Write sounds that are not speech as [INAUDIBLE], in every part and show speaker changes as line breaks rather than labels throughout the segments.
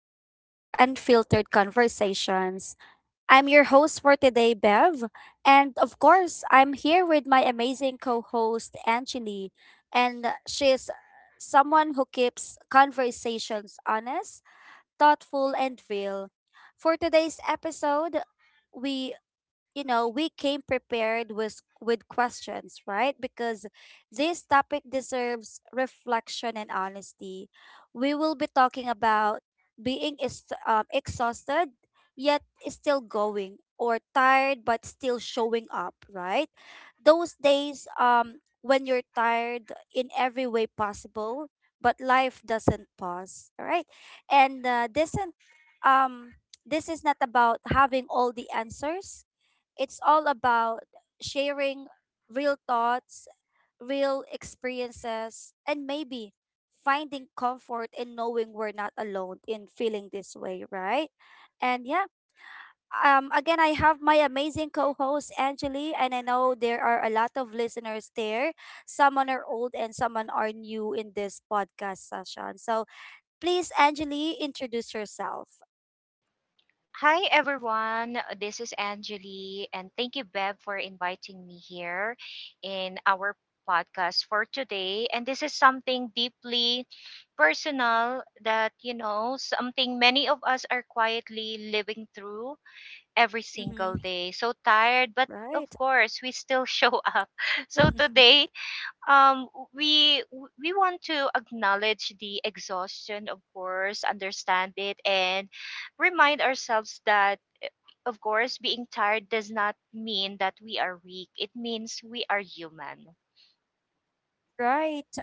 back to Unfiltered Conversations. I'm your host for today, Bev. And of course, I'm here with my amazing co host, Angeli. And she's someone who keeps conversations honest, thoughtful, and real. For today's episode, we we came prepared with questions, right? Because this topic deserves reflection and honesty. We will be talking about being exhausted yet still going, or tired but still showing up, right? Those days when you're tired in every way possible, but life doesn't pause. All right, and this isn't um this is not about having all the answers. It's all about sharing real thoughts, real experiences, and maybe finding comfort in knowing we're not alone in feeling this way, right? And yeah, again, I have my amazing co host, Angeli, and I know there are a lot of listeners there. Some are old and some are new in this podcast session. So please, Angeli, introduce yourself.
Hi everyone, this is Anjali, and thank you, Bev, for inviting me here in our podcast for today. And this is something deeply personal that, something many of us are quietly living through every single
Mm-hmm.
day. So tired, but of
Right.
course, we still show [LAUGHS] up. So
[LAUGHS]
today, um, we we want to acknowledge the exhaustion, of course, understand it, and remind ourselves that of course, being tired does not mean that we are weak. It means we are human.
Right.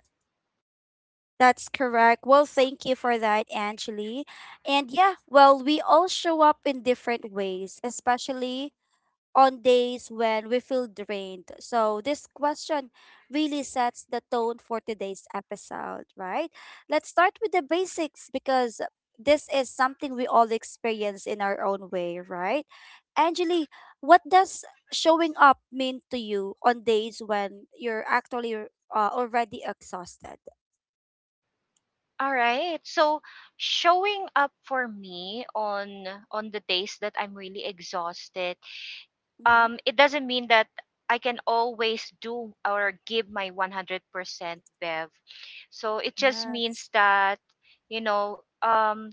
That's correct. Well, thank you for that, Angeli. And yeah, well, we all show up in different ways, especially on days when we feel drained. So, this question really sets the tone for today's episode, right? Let's start with the basics, because this is something we all experience in our own way, right? Angeli, what does showing up mean to you on days when you're actually already exhausted?
All right. So showing up for me on the days that I'm really exhausted,
Mm-hmm.
it doesn't mean that I can always do or give my 100% Bev. So it just
Yes,
means that you know, um,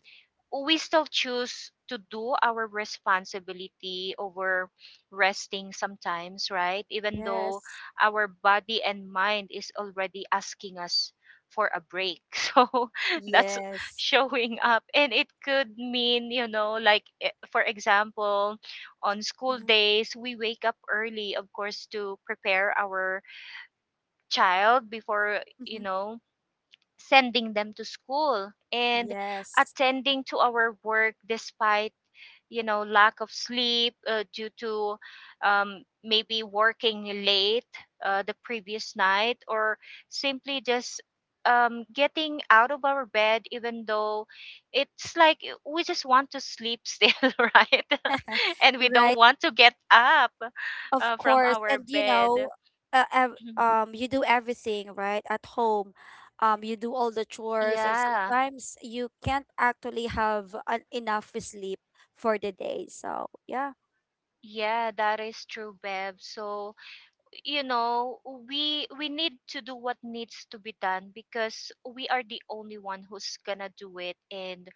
we still choose to do our responsibility over resting sometimes, right? Even though
yes,
our body and mind is already asking us for a break. [LAUGHS] So that's
yes.
showing up. And it could mean, you know, like, eh, for example, on school
Hmm.
days, we wake up early, of course, to prepare our child before, you
Hmm.
know, sending them to school and
Yes,
attending to our work despite you know lack of sleep due to maybe working late the previous night or simply just getting out of our bed even though it's like we just want to sleep still [LAUGHS] right [LAUGHS] and we
right.
don't want to get up
Of
from
course,
our
and you
bed
know,
[CLEARS THROAT]
you do everything right at home. You do all the chores, and
yeah
sometimes you can't actually have an, enough sleep for the day. So yeah.
yeah, that is true, Bev. So you know we need to do what needs to be done because we are the only one who's gonna do it. And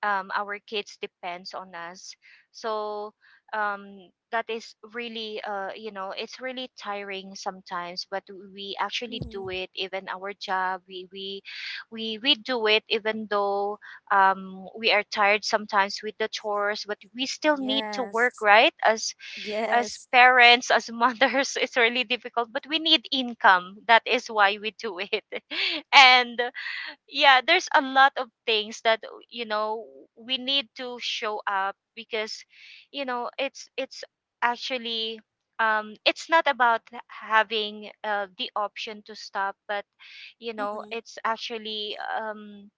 our kids depends on us. So um, that is really you know, it's really tiring sometimes, but we actually
Hmm.
do it. Even our job, we do it even though we are tired sometimes with the chores, but we still need to work,
Yes,
right? As
yes.
parents, as mothers, [LAUGHS] it's really difficult, but we need income. That is why we do it. [LAUGHS] And yeah, there's a lot of things that you know we need to show up because you know, it's actually it's not about having the option to stop, but you know
Mhm.
it's actually um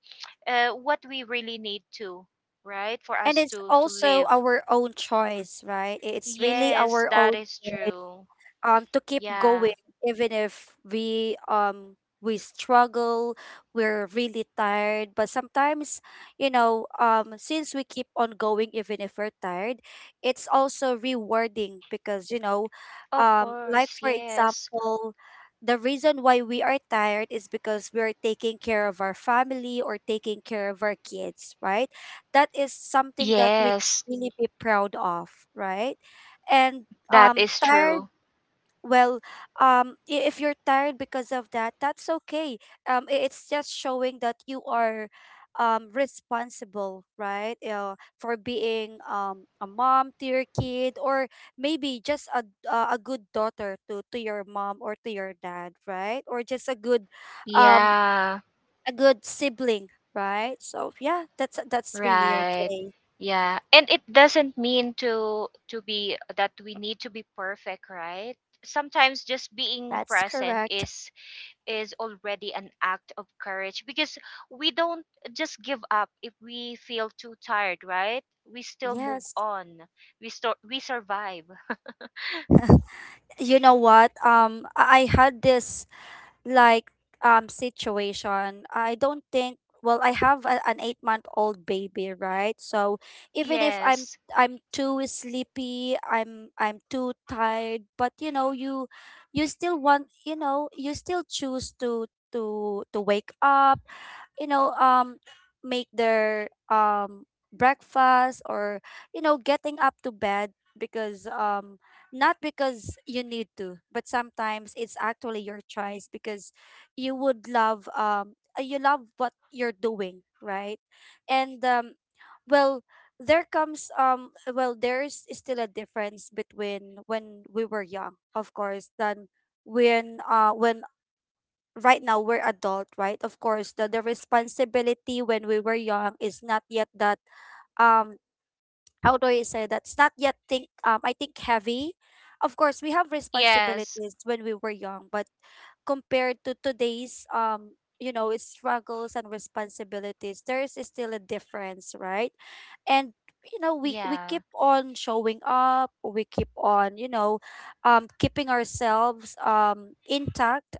uh, what we really need to right for
And
us
it's
to
also
live.
our own choice, right? It's really
Yes,
our
that
own
is true.
um to keep
Yeah,
going, even if we struggle. We're really tired, but sometimes, since we keep on going even if we're tired, it's also rewarding because, you know,
of
like
course.
for
Yes.
example, the reason why we are tired is because we're taking care of our family or taking care of our kids, right? That is something that we can
Yes,
really be proud of, right? And
that
um
is
tired
true.
well if you're tired because of that, that's okay. It's just showing that you are responsible, right? For being a mom to your kid, or maybe just a good daughter to your mom or to your dad, right? Or just um
Yeah,
a good sibling, right? So yeah, that's really
right.
okay.
Yeah. And it doesn't mean to be that we need to be perfect, right? Sometimes just being
That's
present
correct.
is already an act of courage because we don't just give up if we feel too tired, right? We still move
Yes.
on. We still we survive.
You know what? I had this, like situation. I don't think, well, I have a, an 8-month-old month old baby, right? So even if i'm
Yes.
i'm too sleepy, I'm too tired, but you know, you still want, you know, you still choose to to wake up, you know, make their breakfast, or you know, getting up to bed, because not because you need to, but sometimes it's actually your choice, because you would love you love what you're doing, right? And well there comes well, there's still a difference between when we were young, of course, than when right now we're adult, right? Of course, the responsibility when we were young is not yet that um how do I say, that's not yet think I think heavy. Of course, we have
Yes.
responsibilities when we were young, but compared to today's you know, struggles and responsibilities, there is still a difference, right? And you know, we
Yeah.
keep on showing up, we keep on, you know, keeping ourselves intact.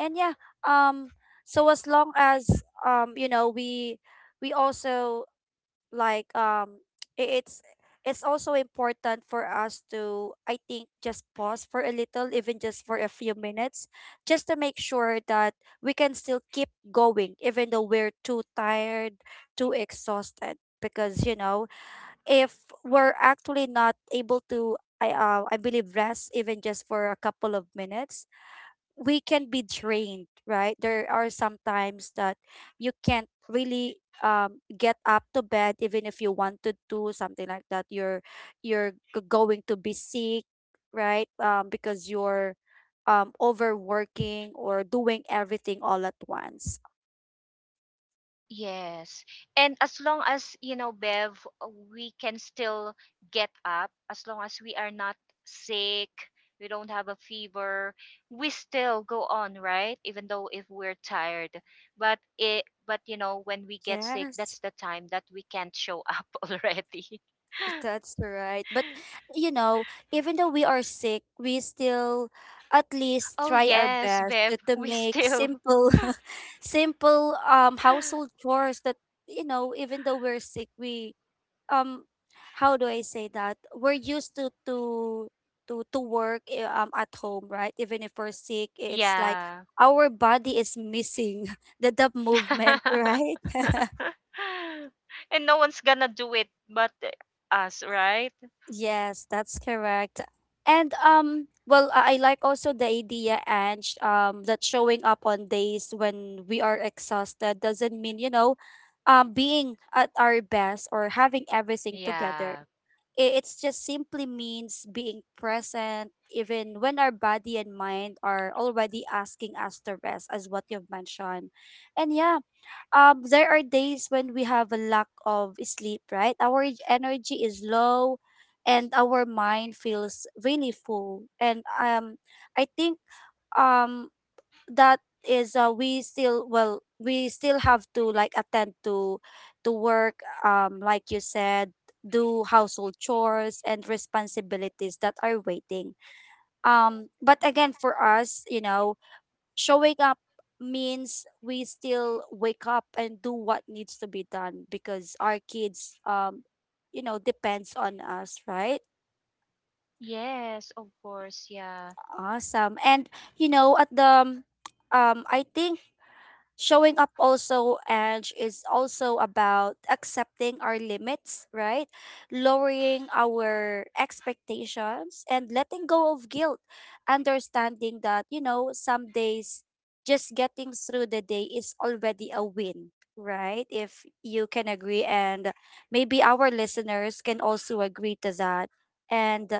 And yeah, um so as long as, you know, we also, like um [TSK] i- it's it's also important for us to, I think, just pause for a little, even just for a few minutes, just to make sure that we can still keep going even though we're too tired, too exhausted, because you know, if we're actually not able to, I believe, rest even just for a couple of minutes, we can be drained, right? There are some times that you can't really get up to bed even if you wanted to, something like that. Going to be sick, right? Because you're overworking or doing everything all at once.
Yes. And as long as, you know, Bev, we can still get up, as long as we are not sick, we don't have a fever, we still go on, right? Even though if we're tired. But it but you know, when we get sick,
Yes.
that's the time that we can't show up [LAUGHS] already. [LAUGHS]
That's right. But you know, even though we are sick, we still at least
Oh
try our
yes,
best
Bev,
to
we
make
still
simple [LAUGHS] simple household
[LAUGHS]
chores that, you know, even though we're sick, we um how do I say that? We're used to to work at home, right? Even if we're sick, it's like
yeah.
our body is missing [LAUGHS] the movement, right?
[LAUGHS]
[LAUGHS]
And no one's gonna do it but us, right?
Yes, that's correct. And I like also the idea, Ange. That showing up on days when we are exhausted doesn't mean, you know, being at our best or having everything together.
Yeah.
It's just simply means being present, even when our body and mind are already asking us to rest, as what you've mentioned. And yeah, there are days when we have a lack of sleep, right? Our energy is low and our mind feels really full. And I think um that is we still, well, we still have to, like, attend to work, like you said, do household chores and responsibilities that are waiting, but again for us, you know, showing up means we still wake up and do what needs to be done because our kids, you know, depends on us, right?
Yes, of course. Yeah.
Awesome. And you know, at the I think showing up also and is also about accepting our limits, right? Lowering our expectations and letting go of guilt, understanding that you know, some days just getting through the day is already a win, right? If you can agree, and maybe our listeners can also agree to that. And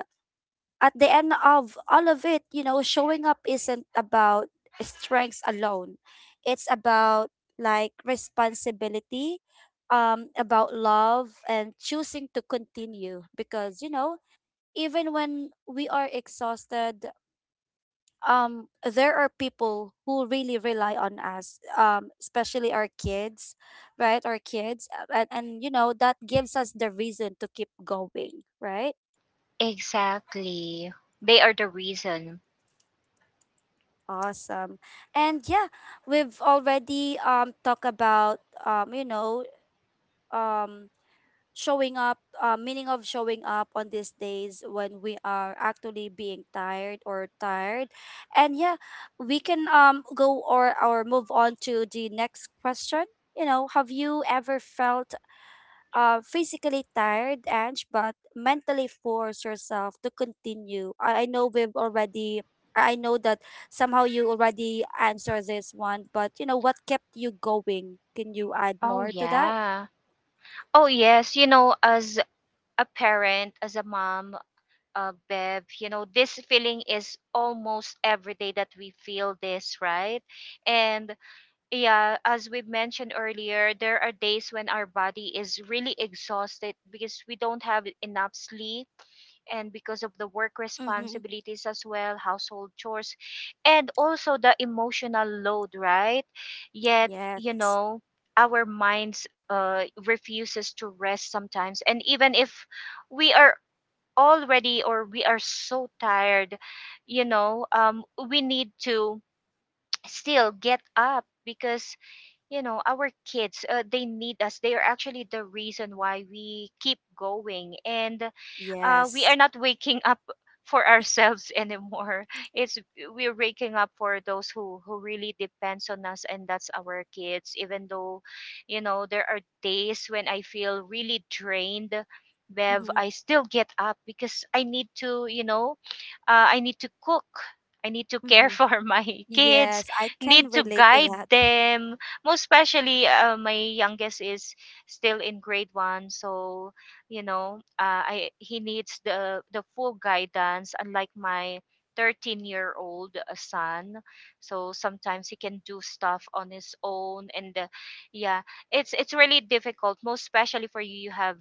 at the end of all of it, you know, showing up isn't about strengths alone. It's about like responsibility, about love and choosing to continue, because you know, even when we are exhausted, there are people who really rely on us, especially our kids, right? Our kids. And, you know, that gives us the reason to keep going, right?
Exactly. They are the reason.
Awesome. And yeah, we've already talked about um you know um showing up, meaning of showing up on these days when we are actually being tired or tired. And yeah, we can go or move on to the next question. You know, have you ever felt physically tired, Ange, but mentally force yourself to continue. I know we've already, I know that somehow you already answered this one, but you know, what kept you going? Can you add
Oh,
more to that?
yeah. Oh, yes. You know, as a parent, as a mom, Bev, you know, this feeling is almost every day that we feel this, right? And yeah, as we mentioned earlier, there are days when our body is really exhausted because we don't have enough sleep and because of the work
Mm-hmm.
responsibilities as well, household chores, and also the emotional load, right? Yet, you
Yes,
know, our minds refuses to rest sometimes. And even if we are already or we are so tired, we need to [TSK] still get up because you know our kids they need us. They are actually the reason why we keep going. And we are
yes,
not waking up for ourselves anymore. [LAUGHS] It's we're waking up for those who really depends on us, and that's our kids. Even though you know there are days when I feel really drained, Bev,
Mm-hmm.
I still get up because I need to, you know, I need to cook, I need to care [LAUGHS]
Mm-hmm.
for my kids,
Yes. I can
need to
relate to
guide
that.
them. Most especially my youngest is still in grade 1, so you know I he needs the full guidance, unlike my 13-year-old son. So sometimes he can do stuff on his own. And yeah, it's really difficult, most especially for you. You have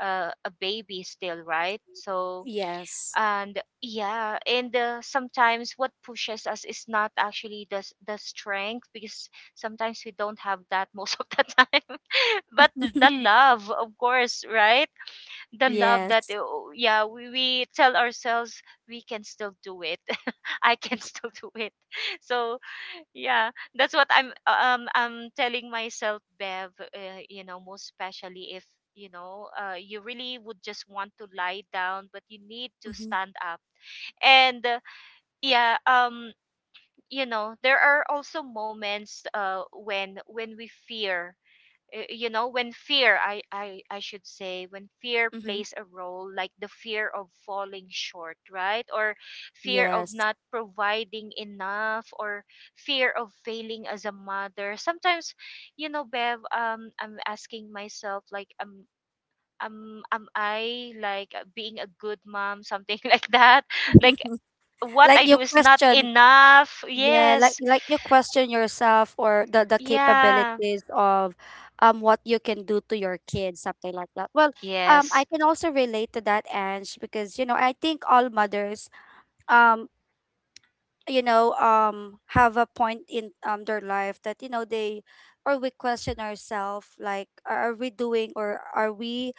a baby still, right? So
Yes,
and yeah. And sometimes what pushes us is not actually the the strength, because sometimes we don't have that [LAUGHS] most of the time, [LAUGHS] but
[LAUGHS]
the love, of course, right? The love
yes,
that yeah, we tell ourselves we can still do it. [LAUGHS] I can still do it. So yeah, that's what I'm telling myself, Bev. You know, most especially if you know you really would just want to lie down, but you need to
Mm-hmm.
stand up. And yeah, you know, there are also moments when we fear you know when fear I should say when fear
Mm-hmm.
plays a role, like the fear of falling short, right? Or fear of
Yes.
not providing enough, or fear of failing as a mother sometimes. You know, Bev, I'm asking myself like am I like being a good mom, something [LAUGHS] like that? Like
[LAUGHS]
what I
Like you
do is not
question.
enough.
Yeah,
Yes.
like you question yourself or the
Yeah.
capabilities of what you can do to your kids, something like that. Well, I
Yes.
can also relate to that, Ange, because you know, I think all mothers um have a point in their life that you know, they or we question ourselves, like, are we doing, or are we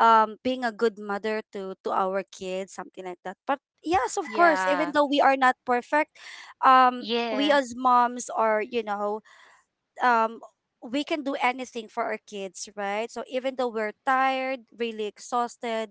being a good mother to our kids, something like that. But yes, of course, even
Yeah.
though we are not perfect, we,
Yeah.
as moms, are, you know, um we can do anything for our kids, right? So even though we're tired, really exhausted,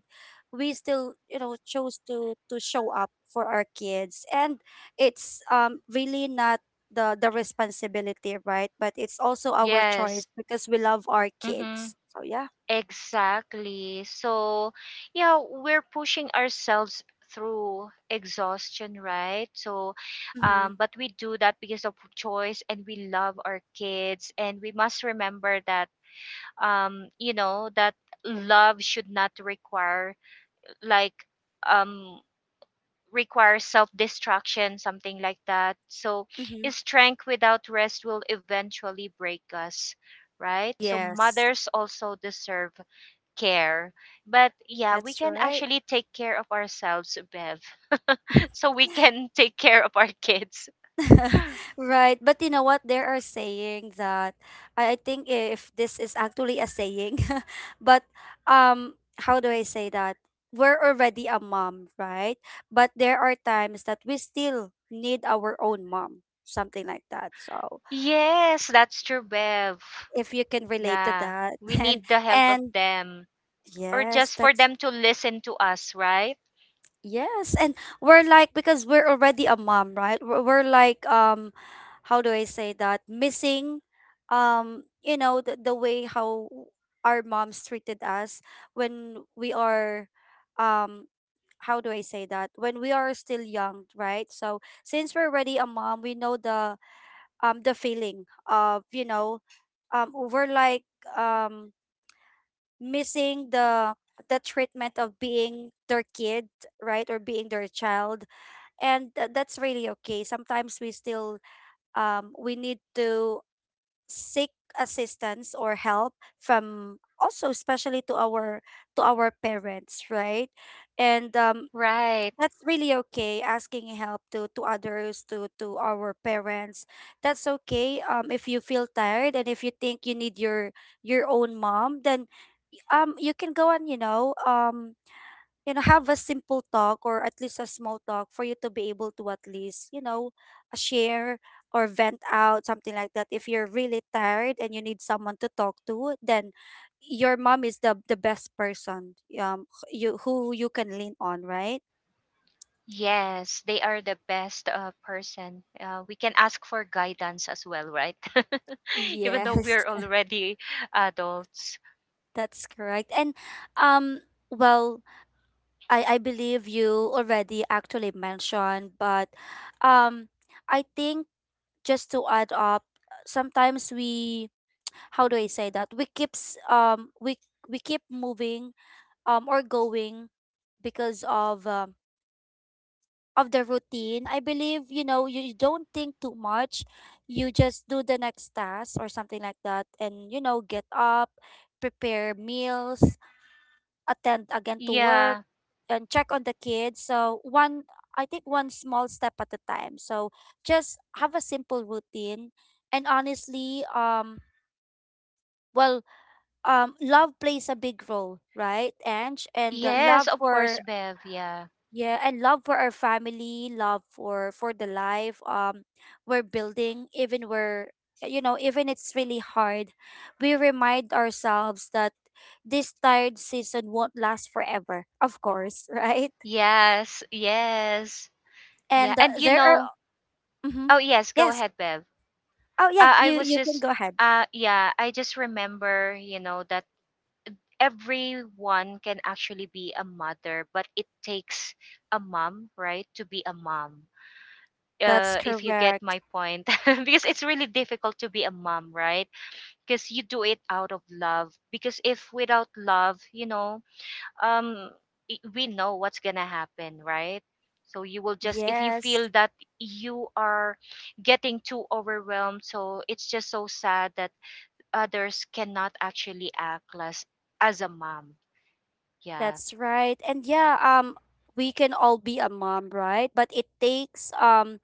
we still, you know, chose to show up for our kids. And it's, really not the the responsibility, right? But it's also our choice
Yes.
because we love our
Mm-hmm.
kids. So yeah.
Exactly. So, yeah, we're pushing ourselves through exhaustion, right? So,
Mhm.
but we do that because of choice and we love our kids. And we must remember that, you know, that love should not require like, um, require self-destruction, something like that. So,
Mhm.
strength without rest will eventually break us, right? So,
Yes.
mothers also deserve care. But yeah, we
That's
can
right.
actually take care of ourselves, Bev. [LAUGHS] So we can take care of our kids.
[LAUGHS] Right. But you know what? There are saying that, I think if this is actually a saying, [LAUGHS] but um, how do I say that? We're already a mom, right? But there are times that we still need our own mom, something like that. So
Yes, that's true, Bev.
if you can relate to
Yeah,
that,
we
[LAUGHS]
need the help of
and
them or
yes,
just for
that's,
them to listen to us, right?
Yes, and we're like, because we're already a mom, right? We're like, how do I say that? Missing you know, the way how our moms treated us when we are um how do I say that? When we are still young, right? So since we're already a mom, we know the feeling of, you know, we're like um missing the treatment of being their kid, right, or being their child, and that's really okay. Sometimes we still we need to seek assistance or help from also, especially to our parents, right? And
Right.
that's really okay asking help to others to our parents. That's okay. If you feel tired and if you think you need your own mom, then you can go and have a simple talk, or at least a small talk, for you to be able to at least share or vent out something like that. If you're really tired and you need someone to talk to, then your mom is the best person wh- you who you can lean on, right?
Yes, they are the best person. We can ask for guidance as well, right? [LAUGHS] Even though
Yes,
we're already adults.
[LAUGHS] that's correct. Um well, I believe you already actually mentioned, but um I think, just to add up, sometimes we, how do I say that? We keep moving, or going, because of the routine. I believe, you know, you don't think too much. You just do the next task or something like that, and you know, get up, prepare meals, attend again to work,
Yeah.
and check on the kids. So one I think one small step at a time. So just have a simple routine. And honestly, well love plays a big role, right, Ange? And love
Yes, of course,
for,
Bev. Yeah.
yeah, and love for our family, love for the life we're building. Even we're, you know, even it's really hard, we remind ourselves that this tired season won't last forever, of course, [LAUGHS] right?
Yes, yes. Yeah,
And
and you
there are
know,
mm-hmm,
oh yes, go
yes.
ahead, Bev.
Oh yeah,
I
you
was
can
just
go ahead.
yeah, I just remember, you know, that everyone can actually be a mother, but it takes a mom, right, to be a mom.
That's
If you get
correct.
my point, [LAUGHS] because it's really difficult to be a mom, right? Because you do it out of love. Because if without love, you know, um we know what's going to happen, right? So you will just if you
Yes,
feel that you are getting too overwhelmed. So it's just so sad that others cannot actually act as a mom. Yeah.
that's right. We can all be a mom, right? But it takes,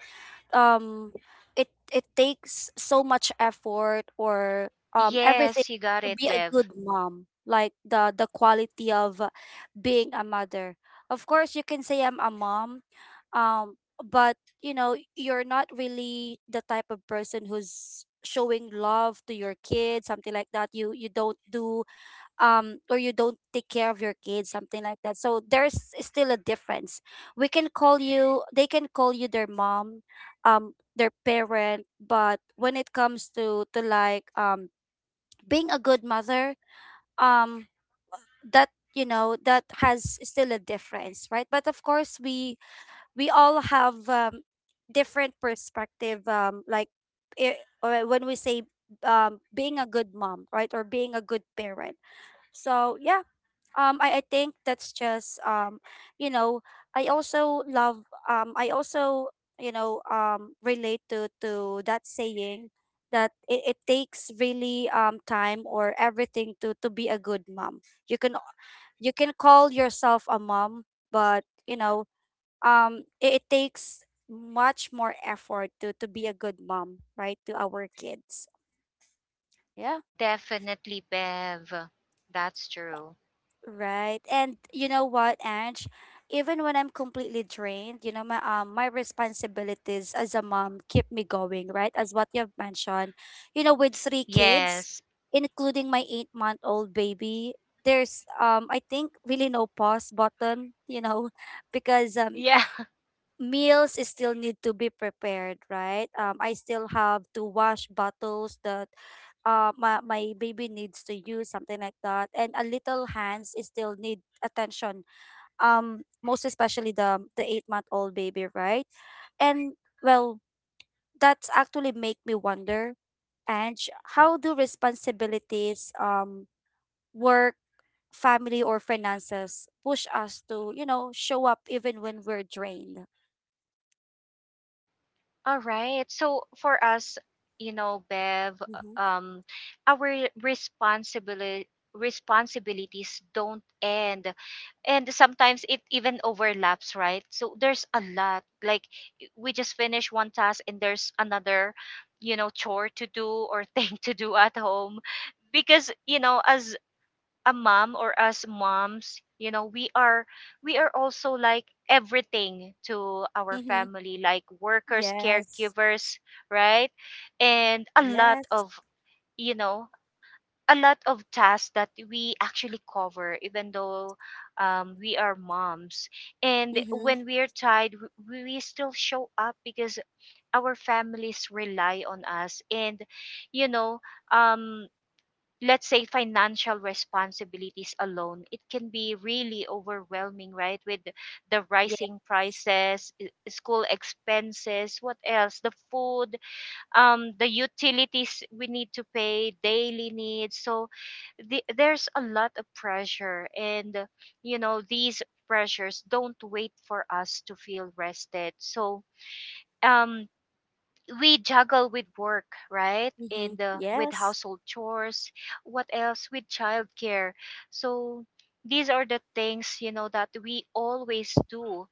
um it takes so much effort, or
Yes,
everything,
you got
to
it,
be a
Bev.
good mom. Like the quality of being a mother. Of course, you can say I'm a mom, but you know, you're not really the type of person who's showing love to your kids, something like that. You you don't do, or you don't take care of your kids, something like that, so there's still a difference. We can call you, they can call you, their mom, their parent. But when it comes to being a good mother, um that you know, that has still a difference, right? But of course, we all have different perspective, like I or when we say being a good mom, right, or being a good parent. So yeah, I think that's just you know, I also love, I also, you know, relate to that saying that it takes really time or everything to be a good mom. You can, you can call yourself a mom, but you know, it takes much more effort to be a good mom, right, to our kids. Yeah.
Definitely, Bev. That's true.
Right. And you know what, Ange? Even when I'm completely drained, you know, my responsibilities as a mom keep me going, right? As what you've mentioned. You know, with 3 kids,
Yes.
including my 8-month old baby, there's I think really no pause button, you know, [LAUGHS] because
[LAUGHS] Yeah.
meals is still need to be prepared, right? I still have to wash bottles that my baby needs to use, something like that. And a little hands is still need attention, most especially the 8-month old baby, right? And well, that's actually make me wonder, and how do responsibilities, work, family, or finances push us to, you know, show up even when we're drained?
All right. So for us, you know, Bev,
Mm-hmm.
our responsibility responsibilities don't end, and sometimes it even overlaps, right? So there's a lot, like, we just finish one task and there's another, you know, chore to do or [LAUGHS] thing to do at home. Because you know, as a mom or as moms, you know, we are also like everything to our family, like workers,
Yes.
caregivers, right? And a lot
Yes.
of, you know, a lot of tasks that we actually cover even though we are moms. And
Mm-hmm.
when we are tired, we still show up because our families rely on us. And you know, um let's say financial responsibilities alone, it can be really overwhelming, right? With the
Yeah.
rising prices, school expenses, what else, the food, the utilities we need to pay, daily needs. So there's a lot of pressure. And you know, these pressures don't wait for us to feel rested. So um we juggle with work, right?
Mm-hmm.
And with
Yes.
household chores, what else, with childcare. So these are the things, you know, that we always do.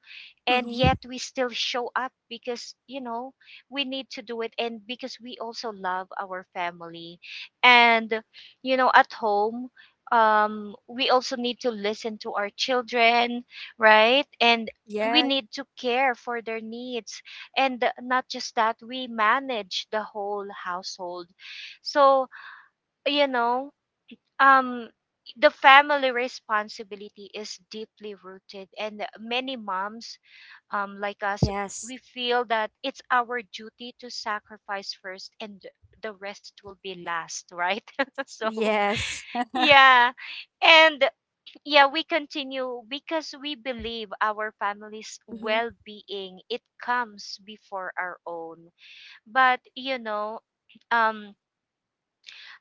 And
Mm-hmm.
yet we still show up because, you know, we need to do it, and because we also love our family. And, you know, at home, we also need to listen to our children, right? And we
Yes.
need to care for their needs and not just that we manage the whole household, so you know um the family responsibility is deeply rooted, and many moms, like us,
Yes.
we feel that it's our duty to sacrifice first and the rest will be last, right? [LAUGHS] So
Yes. [LAUGHS]
yeah. And yeah, we continue because we believe our family's
Mm-hmm.
well-being, it comes before our own. But you know um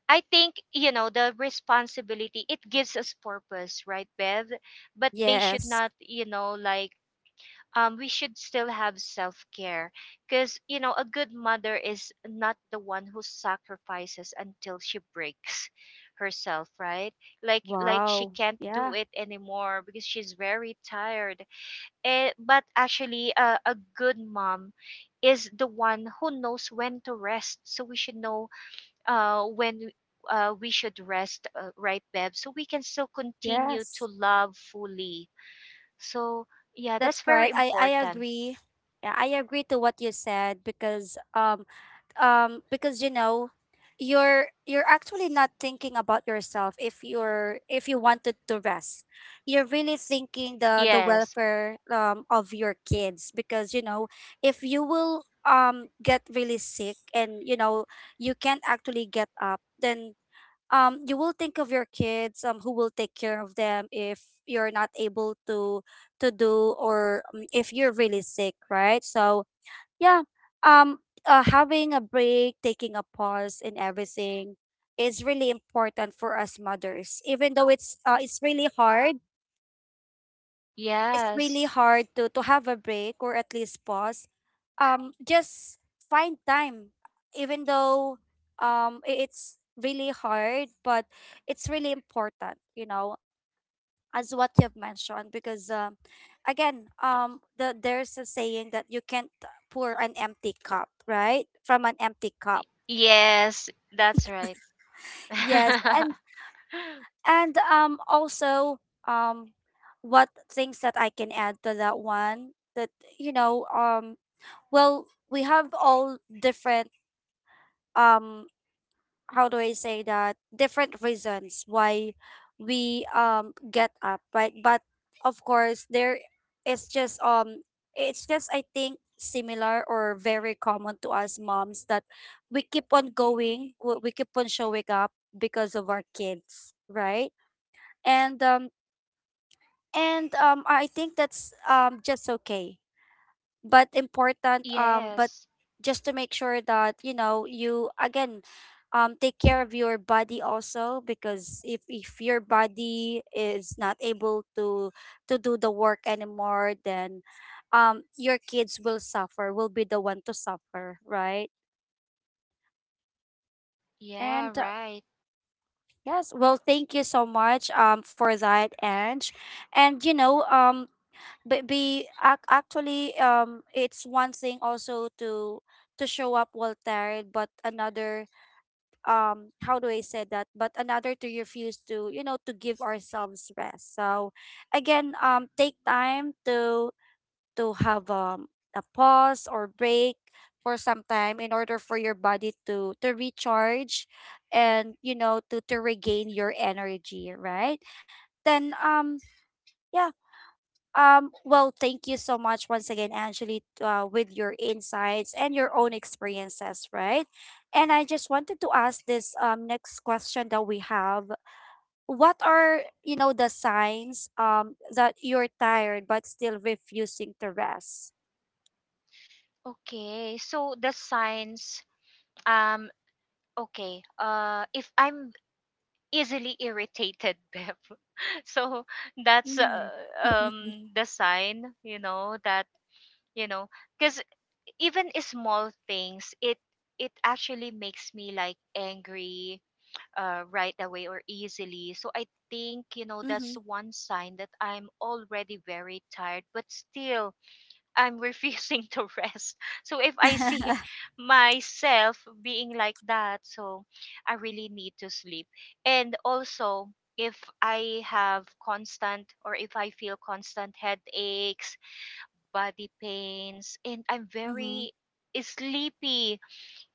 I think, the responsibility, it gives us purpose, right, Bev? But they should
Yes.
not, you know, we should still have self-care, because you know, a good mother is not the one who sacrifices until she breaks herself, right? Like she
Wow.
can't do
Yeah.
it anymore because she's very tired. But actually, a good mom is the one who knows when to rest, so we should know when we should rest, right, Bev? So we can still continue to
Yes.
love fully. So, yeah,
That's
that's very
right. I
important.
agree. Yeah, I agree to what you said, because you know, you're actually not thinking about yourself. If you're if you wanted to rest, you're really thinking the
Yes,
welfare of your kids. Because you know, if you will get really sick and you know, you can't actually get up, then you will think of your kids, who will take care of them if you're not able to do or if you're really sick, right? So yeah, um having a break, taking a pause and everything, is really important for us mothers, even though it's really hard. It's really
yes,
hard to have a break or at least pause, just find time, even though, it's really hard, but it's really important, you know, as what you've mentioned. Because again there's a saying that you can't pour an empty cup, right, from an empty
y-
cup.
yes, that's right.
Yes.
[LAUGHS]
And also, um what things that I can add to that one, that you know, well we have all different, um how do I say that, different reasons why we get up, right? But of course, there it's just it's just, I think, similar or very common to us moms, that we keep on going. We keep on showing up because of our kids, right? And I think that's just okay but important, but
Yes.
just to make sure that you know, you again take care of your body also, because if your body is not able to do the work anymore, then your kids will suffer, will be the one to suffer, right?
Yeah,
and
right.
yes, well, thank you so much for that, Ange. And you know, but actually, it's one thing also to show up well tired, but another, how do I say that, but another to refuse to, you know, to give ourselves rest. So again, take time to have a pause or break for some time, in order for your body to recharge and you know, to regain your energy, right? then yeah well, thank you so much once again, Angeli, with your insights and your own experiences, right? And I just wanted to ask this next question that we have. What are, you know, the signs that you're tired but still refusing to rest?
Okay. So the signs, um, okay. If I'm easily irritated, [LAUGHS] Bev, so that's
Mm. [LAUGHS]
the sign, you know, that you know because even small things, it actually makes me like angry, right away or easily. So I think, you know,
Mm-hmm.
that's one sign that I'm already very tired but still I'm refusing [LAUGHS] to rest. So if I see
[LAUGHS]
[LAUGHS] myself being like that, so I really need to sleep. And also, if I have constant, or if I feel constant headaches, body pains, and I'm
mm-hmm.
very, eh, sleepy,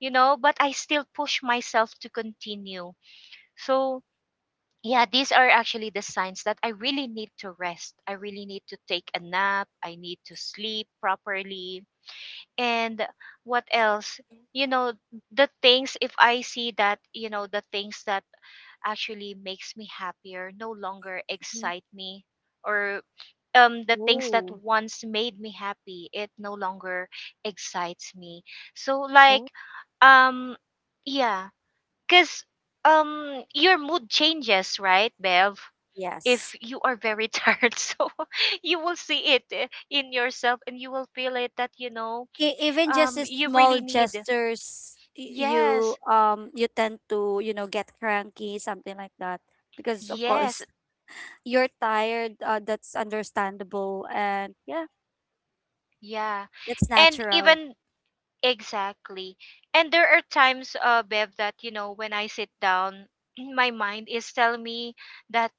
you know, but I still push myself to continue. So, yeah, these are actually the signs that I really need to rest. I really need to take a nap. I need to sleep properly. And what else? You know, the things, if I see that, you know, the things that actually makes me happier no longer
mm-hmm.
excite me, or the things that
Oh.
once made me happy, it no longer excites me. so like
Oh.
um yeah, because your mood changes, right, Bev?
Yes.
If you are very [LAUGHS] tired, so [LAUGHS] you will see it, eh, in yourself, and you will feel it that you know
Even
um
just the
you really
small
need,
gestures, you
yes,
you tend to, you know, get cranky, something like that, because of
yes,
course, [LAUGHS] you're tired, that's understandable. And yeah,
yeah.
that's
And
natural.
even, exactly. And there are times, Bev, that, you know, when I sit down, [CLEARS THROAT] my mind is telling me that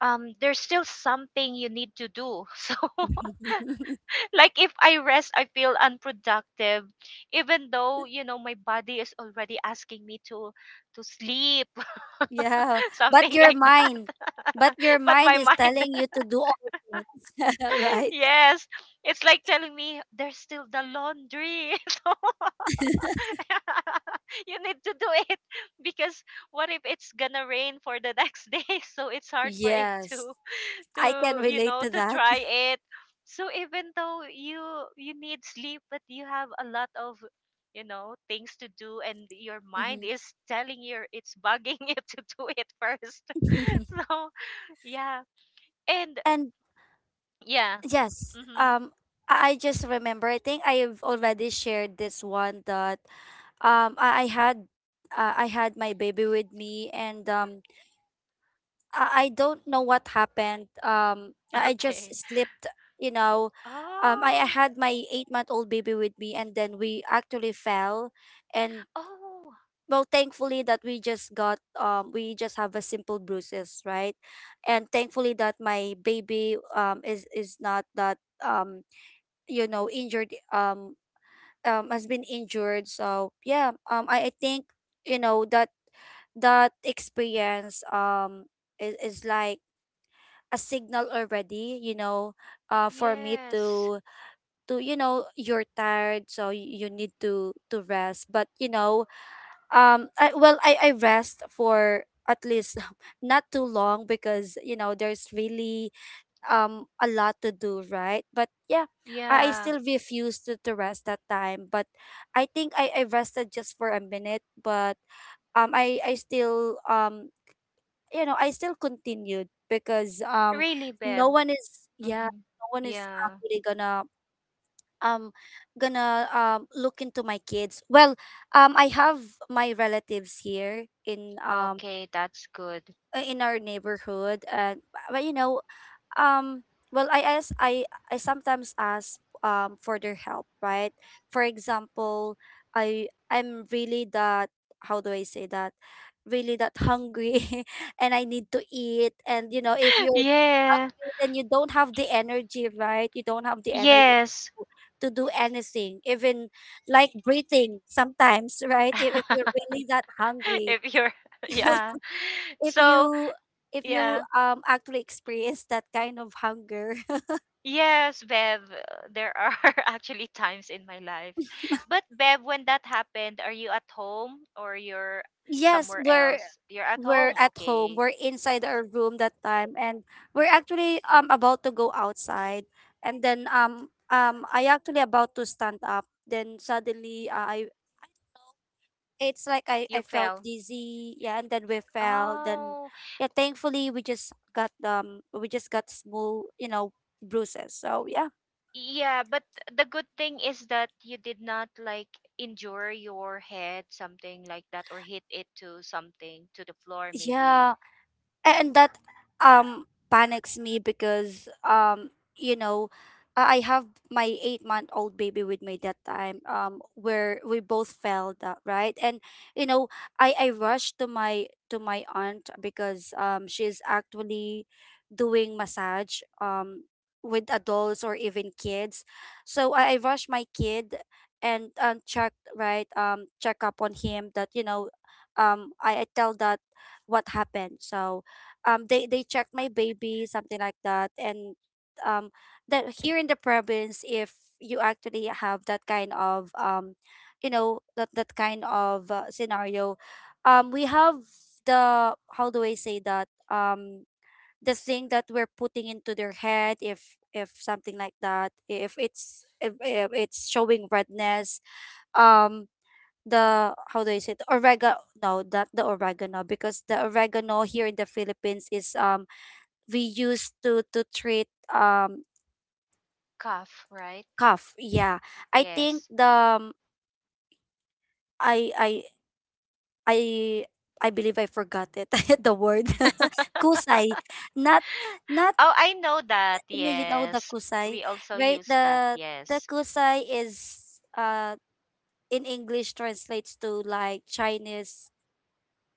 there's still something you need to do. [LAUGHS] So,
[LAUGHS]
like, if I rest, I feel unproductive, even though, you know, my body is already asking me to sleep, [LAUGHS]
Yeah, but
something
your
like
mind, but
that.
your
[LAUGHS] But
mind
my
is
mind,
telling you to do all things, [LAUGHS]
[LAUGHS]
right?
yes, it's like telling me there's still the laundry. [LAUGHS] So, [LAUGHS] you need to do it [LAUGHS] because what if it's gonna rain for the next day? [LAUGHS] So it's hard for it
Yes,
to
I can
to you
relate
know,
to
to
that.
dry it. So even though you need sleep, but you have a lot of, you know, things to do, and your mind
Mhm.
is telling you, it's bugging you [LAUGHS] to do it first. [LAUGHS]
[LAUGHS]
So yeah. And
And
yeah.
yes.
Mm-hmm.
I just remember, I think I have already shared this one, that um I, I had I had my baby with me and I don't know what happened.
[LAUGHS]
I just
Okay.
slipped. You know, I
Oh.
had my 8-month old baby with me, and then we actually fell. And
Oh
well, thankfully that we just got, we just have a simple bruises, right? And thankfully that my baby is not that, you know, injured, has been injured. So yeah, I think, you know, that experience is like a signal already, you know, uh, for me
yes.
to, you know, you're tired, so you need to rest. But you know, well, I rest for at least, [LAUGHS] not too long, because you know, there's really a lot to do, right? But yeah, I
Yeah.
still refused to, rest that time. But I think I rested just for a minute, but I still, you know, I still continued because
Really,
no
Beb?
one is, yeah,
Mm-hmm.
no one is
Yeah.
actually gonna um look into my kids. Well, I have my relatives here in,
Okay, that's good.
in our neighborhood. And but you know, um well i ask i I sometimes ask for their help, right? For example, I'm really that, how do I say that, really that hungry, [LAUGHS] and I need to eat. And you know, if
[LAUGHS]
you're
Yeah.
hungry, then you don't have the energy, right? You don't have the energy to
Yes.
do anything, even like breathing sometimes, right? If you're
[LAUGHS]
really that hungry,
If you're [LAUGHS]
[LAUGHS]
yeah.
if
So,
you, if you
yeah.
actually experience that kind of hunger.
Yes, Bev, there are [LAUGHS] actually times in my life. But Bev, when that happened, are you at home or you're
Yes,
somewhere
we're
else? You're at
we're
home.
at home.
Okay.
We're inside our room that time, and we're actually about to go outside, and then I actually about to stand up. Then suddenly, I it's like
You
I felt
fell.
dizzy. Yeah, and then we fell. Then
Oh.
yeah, thankfully we just got, we just got small, you know, bruises. So yeah,
Yeah, but the good thing is that you did not like injure your head, something like that, or hit it to something, to the floor, maybe.
yeah. And that panics me because you know I have my 8 month old baby with me that time, where we both fell that, right? And you know I rushed to my aunt because she's actually doing massage, with adults or even kids. So I rushed my kid and checked, right? Check up on him that, I tell that what happened. So they check my baby, something like that. And um that here in the province if you actually have that kind of, that kind of scenario, we have the, how do I say that, the thing that we're putting into their head, if something like that, if it's if it's showing redness. um the, how do I say it? Oregano. No, not the oregano, because the oregano here in the Philippines is, we use to treat um
Cuff, right?
cough. Yeah. I think
Yes.
the I I believe I forgot it [LAUGHS] the word. [LAUGHS] Kusai.
[LAUGHS]
Not, not,
Oh, I know that.
no, you know the
Yes.
kusai,
We also
right?
use that.
The
Yes.
kusai is uh in English translates to like Chinese,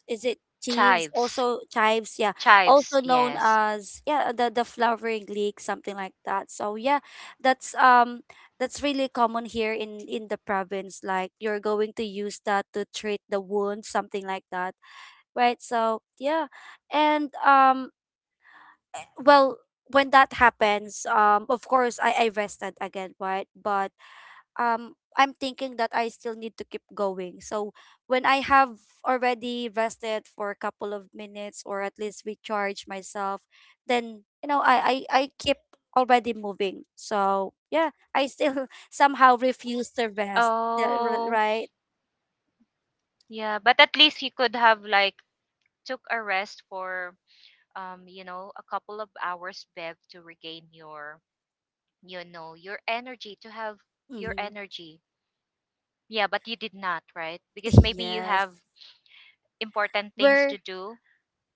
is it? Chives.
Chives.
Also chives, yeah,
Chives.
also known
Yes.
as, yeah, the flowering leek, something like that. So yeah, that's um that's really common here in the province. Like, you're going to use that to treat the wound, something like that, right? So yeah. And well, when that happens, of course I rested again, right? But I'm thinking that I still need to keep going. So when I have already rested for a couple of minutes, or at least recharge myself, then I keep already moving. So yeah, I still [LAUGHS] somehow refuse to rest. Yeah,
Oh,
right?
yeah. But at least you could have like took a rest for, you know, a couple of hours, Bev, to regain your, you know, your energy, to have your
Hmm.
energy. Yeah, but you did not, right? Because
[LAUGHS]
maybe you
Yes.
have important things
We're
to do.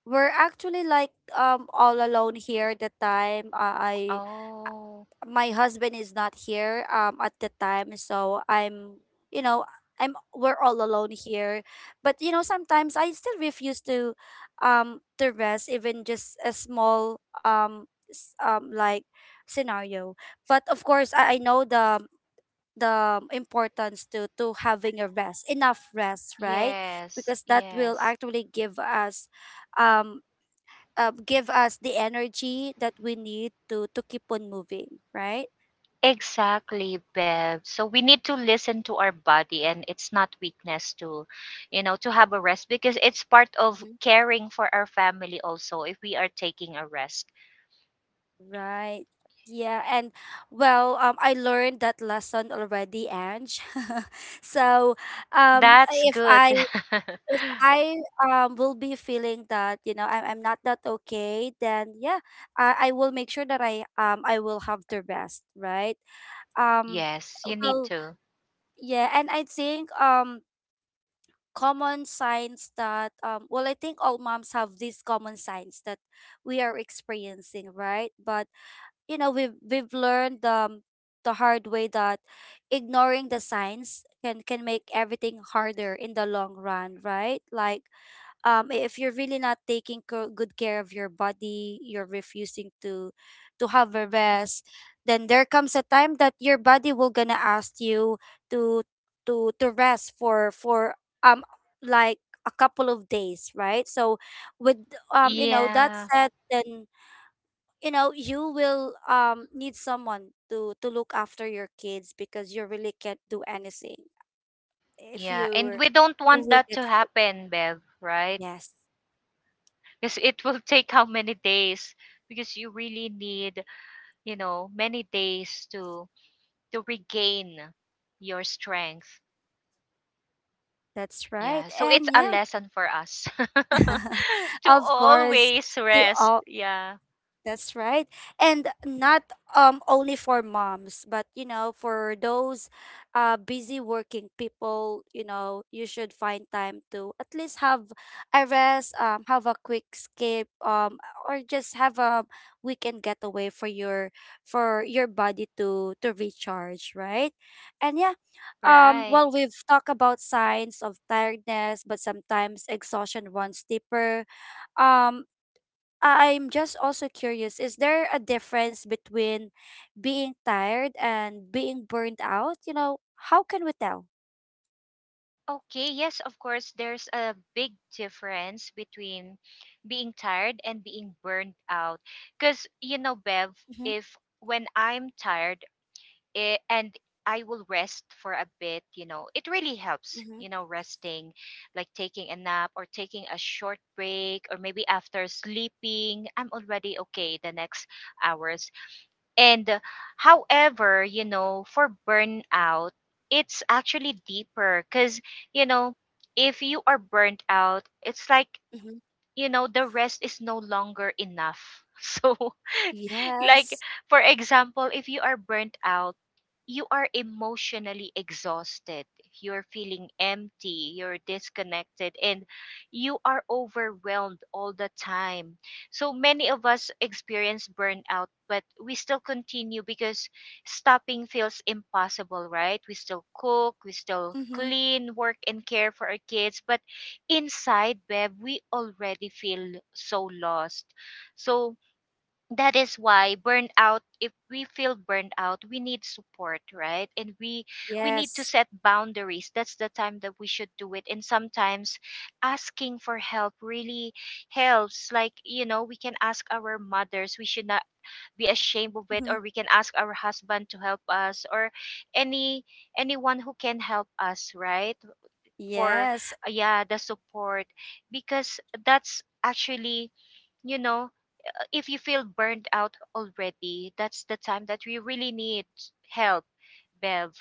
we're actually like all alone here at the time. I
Oh,
my husband is not here at the time, so I'm, you know I'm, we're all alone here. But you know, sometimes I still refuse to, to rest even just a small, like scenario. But of course I know the importance to having a rest, enough rest, right?
yes,
Because that will
yes.
actually um give us the energy that we need to keep on moving, right?
Exactly, Bev, so we need to listen to our body, and it's not weakness to, you know, to have a rest, because it's part of caring for our family also, if we are taking a rest.
Right. Yeah. And well, I learned that lesson already, Ange. [LAUGHS] So, um,
That's
if
good.
I, if
[LAUGHS]
I will be feeling that, you know, I'm, not that okay, then yeah, I will make sure that I, I will have the rest, right? Um,
Yes, you need
well,
to.
yeah. And I think, common signs that, well, I think all moms have these common signs that we are experiencing, right? But you know, we've learned the hard way that ignoring the signs can make everything harder in the long run, right? Like if you're really not taking good care of your body, you're refusing to have a rest, then there comes a time that your body will gonna ask you to, to rest for um like a couple of days, right? So with, you know, that
Yeah.
said, then you know, you will need someone to look after your kids because you really can't do anything if
Yeah,
you,
and we don't
you
want
will
that
get
to
sick.
happen, Bev, right?
Yes.
Because it will [LAUGHS] take how many days? Because you really need, you know, many days to regain your strength.
That's right.
Yeah, so it's
And
a
yeah,
lesson for us [LAUGHS]
[LAUGHS]
to
of course,
always
to
rest.
all.
Yeah,
That's right. And not, only for moms, but you know, for those busy working people, you know, you should find time to at least have a rest, have a quick escape, or just have a weekend getaway for your, for your body to recharge, right? And yeah,
right.
well, we've talked about signs of tiredness, but sometimes exhaustion runs deeper. Um, I'm just also curious, is there a difference between being tired and being burned out? You know, how can we tell?
Okay, yes, of course, there's a big difference between being tired and being burned out. Because, you know, Bev,
Mm-hmm.
if when I'm tired, it, and I will rest for a bit, you know. It really helps,
Mm-hmm.
you know, resting, like taking a nap or taking a short break, or maybe after sleeping, I'm already okay the next hours. And however, you know, for burnout, it's actually deeper because, you know, if you are burnt out, it's like,
Mm-hmm.
you know, the rest is no longer enough. [LAUGHS] So, like,
Yes.
for example, if you are burnt out, you are emotionally exhausted. You're feeling empty, you're disconnected, and you are overwhelmed all the time. So many of us experience burnout, but we still continue because stopping feels impossible, right? We still cook, we still
Mm-hmm.
clean, work, and care for our kids, but inside, Bev, we already feel so lost. So that is why burnout, if we feel burned out, we need support, right? And we need to
Yes.
set boundaries. That's the time that we should do it. And sometimes asking for help really helps. Like, you know, we can ask our mothers, we should not be ashamed of it,
Mm-hmm.
or we can ask our husband to help us, or any anyone who can help us, right? For,
Yes.
yeah, the support, because that's actually, you know, if you feel burned out already, that's the time that we really need help, Bev.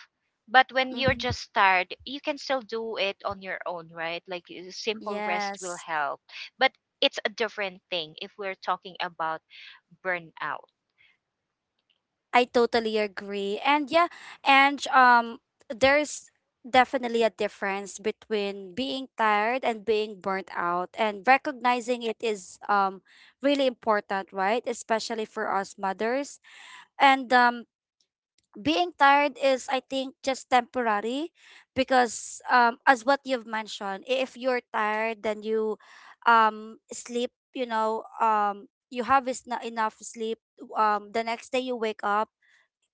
But when you're
Mm-hmm.
just tired, you can still do it on your own, right? Like a simple rest will
Yes,
help. But it's a different thing if we're talking about burnout.
I totally agree. And yeah, and there's definitely a difference between being tired and being burnt out, and recognizing it is really important, right? Especially for us mothers. And being tired is, I think, just temporary because, as what you've mentioned, if you're tired, then you, sleep, you know, you have is not enough sleep, the next day you wake up,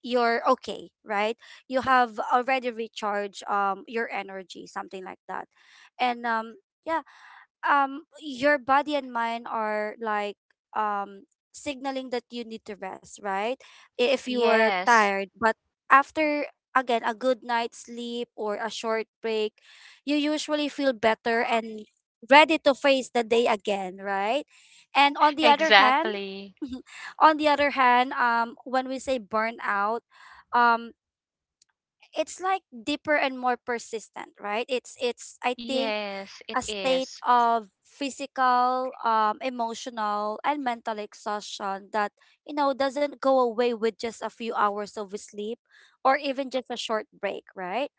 you're okay, right? You have already recharged, your energy, something like that. And yeah, your body and mind are like, um signaling that you need to rest, right? If you are
Yes,
tired, but after, again, a good night's sleep or a short break, you usually feel better and ready to face the day again, right? And on the other hand,
exactly.
[LAUGHS] on the other hand, when we say burnout, um it's like deeper and more persistent, right? It's, I think,
Yes, it
a state
is.
of physical, emotional, and mental exhaustion that, you know, doesn't go away with just a few hours of sleep or even just a short break, right?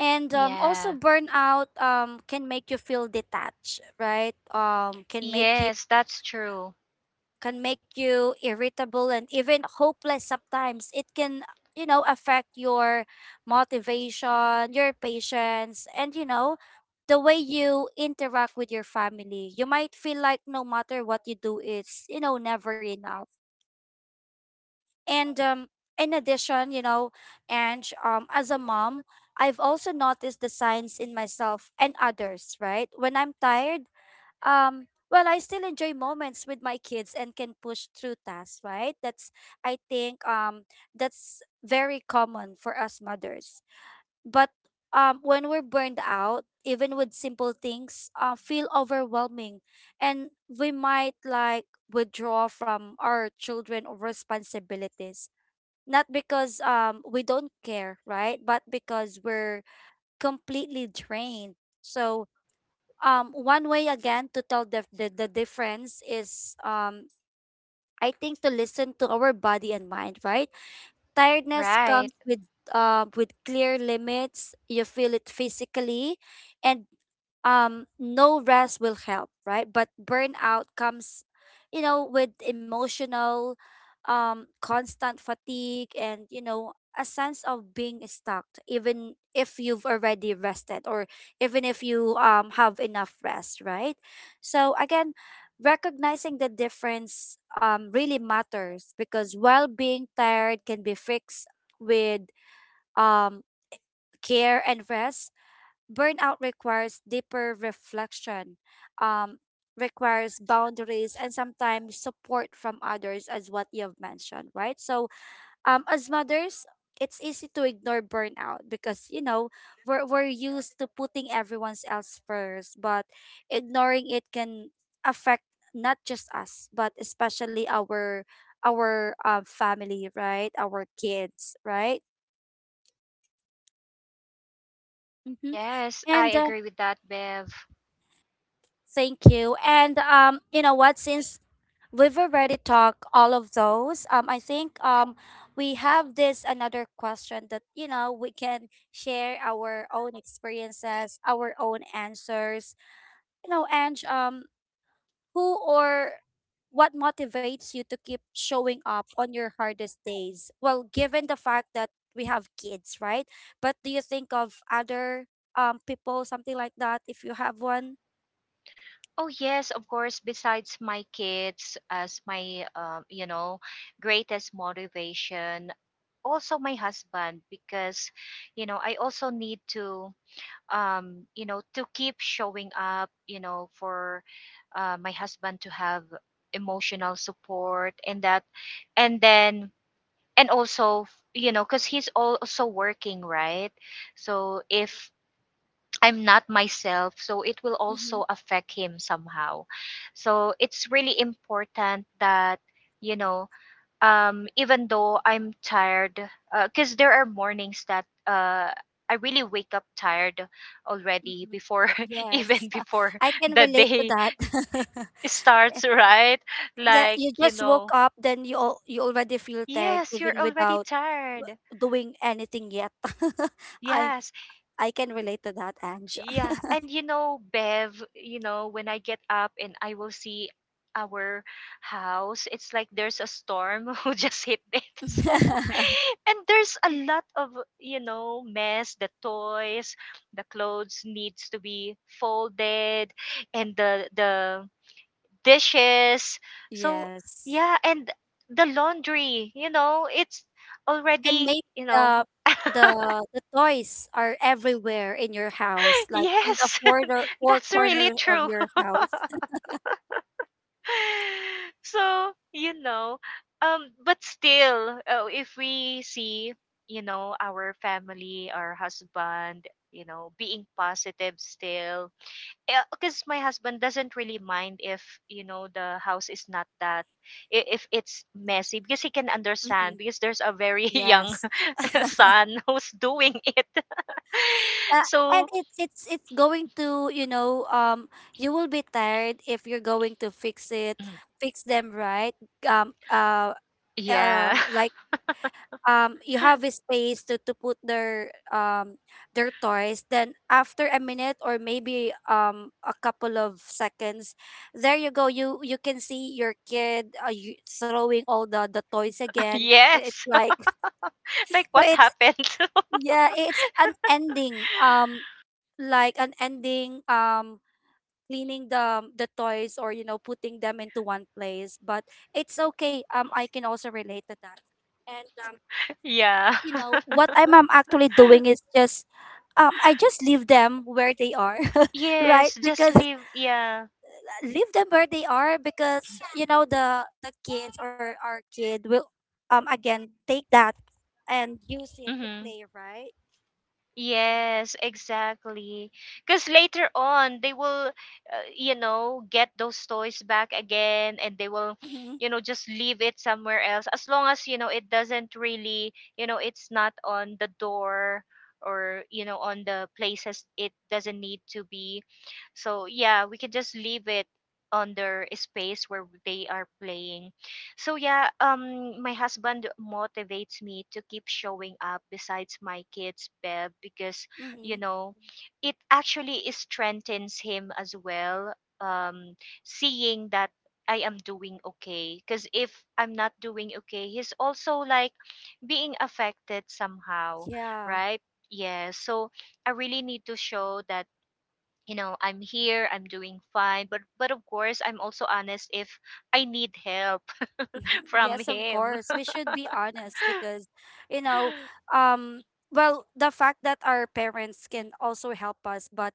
And also,
Yeah.
burnout, can make you feel detached, right? Can make you,
Yes, that's true.
irritable and even hopeless sometimes. It can, you know, affect your motivation, your patience, and, you know, the way you interact with your family. You might feel like no matter what you do, it's, you know, never enough. And in addition, you know, and as a mom, I've also noticed the signs in myself and others, right? When I'm tired, well, I still enjoy moments with my kids and can push through tasks, right? That's, I think, that's very common for us mothers. But when we're burned out, even with simple things, feel overwhelming, and we might like withdraw from our children or responsibilities, not because, we don't care, right, but because we're completely drained. So, one way, again, to tell the, the difference is, I think to listen to our body and mind, right? Tiredness
Right.
comes with, with clear limits. You feel it physically, and no rest will help, right? But burnout comes, you know, with emotional, constant fatigue, and you know, a sense of being stuck even if you've already rested, or even if you, have enough rest, right? So again, recognizing the difference, really matters, because while being tired can be fixed with, um care and rest, burnout requires deeper reflection, um, requires boundaries and sometimes support from others, as what you've mentioned, right? So, as mothers, it's easy to ignore burnout because, you know, we're used to putting everyone else first, but ignoring it can affect not just us, but especially our family, right? Our kids, right? Mm-hmm.
Yes, I
And
agree with that, Bev.
thank you. And you know what? Since we've already talked all of those, I think, we have this another question that, you know, we can share our own experiences, our own answers. You know, and who or what motivates you to keep showing up on your hardest days? Well, given the fact that we have kids, right? But do you think of other, people, something like that, if you have one?
Oh yes, of course. Besides my kids as my, you know, greatest motivation, also my husband, because you know, I also need to, you know, to keep showing up. You know, for, my husband to have emotional support. And that and then and also you know, because he's also working, right? So if I'm not myself, so it will
Mm-hmm.
also affect him somehow. So it's really important that, you know, even though I'm tired, because there are mornings that, I really wake up tired already
Mhm.
before, [LAUGHS] even
Yes, [LAUGHS]
before
I can
the
relate to
day
that. [LAUGHS]
[LAUGHS] starts, right?
Yeah,
Like,
you
you
just woke
know,
up, then you, you already feel tired
yes, you're
even
already
without,
tired.
doing anything yet. [LAUGHS] I
Yes.
I can relate to that, Ange.
Yeah, and you know, Bev, you know, when I get up and I will see our house, it's like there's a storm [LAUGHS] who just hit it. [LAUGHS] So,
[LAUGHS]
and there's a lot of, you know, mess, the toys, the clothes needs to be folded, and the dishes. So,
Yes.
yeah, and the laundry, you know, it's
And
already,
maybe
you know,
the,
[LAUGHS]
the toys are everywhere in your house, like in the
yes,
four,
[LAUGHS]
four
that's really
corners of
true.
your house.
[LAUGHS] [LAUGHS] So, you know, but still, if we see, you know, our family, our husband, you know, being positive still, because my husband doesn't really mind if, you know, the house is not that, if it's messy, because he can
[LAUGHS]
understand,
Mhm.
because there's a very [LAUGHS] young
Yes.
[LAUGHS] son who's doing it. [LAUGHS]
Uh, and
So,
it's, going to, you know, you will be tired if you're going to fix it,
mm,
fix them, right? um uh
yeah.
like you have a space to put their, their toys, then after a minute, or maybe, a couple of seconds, there you go, you, can see your kid, throwing all the, toys
[LAUGHS]
again, it's
Yes.
like,
[LAUGHS] Like,
so
what
it's,
happened? [LAUGHS]
yeah, it's unending, like an ending, cleaning the, toys, or you know, putting them into one place. But it's okay, I can also relate to that. And
Yeah.
you know what I'm, actually doing is just, I just leave them where they are [LAUGHS]
Yes,
right?
just
Because,
leave. Yeah.
leave them where they are, because you know the kids or our kid will, again take that and use it to
Mm-hmm.
play, right?
Yes, exactly. Because later on, they will, you know, get those toys back again, and they will,
Mm-hmm.
you know, just leave it somewhere else. As long as, you know, it doesn't really, you know, it's not on the door, or, you know, on the places it doesn't need to be. So, yeah, we can just leave it on their space where they are playing. So yeah, um, my husband motivates me to keep showing up besides my kids' bed, because you
Mm-hmm.
know, it actually strengthens him as well, um seeing that I am doing okay, because if I'm not doing okay, he's also like being affected somehow,
Yeah.
right? Yeah, so I really need to show that, you know, I'm here, I'm doing fine, but of course I'm also honest if I need help [LAUGHS]
[LAUGHS]
from
Yes, of
him.
course. We should be honest because, you know, um, well, the fact that our parents can also help us, but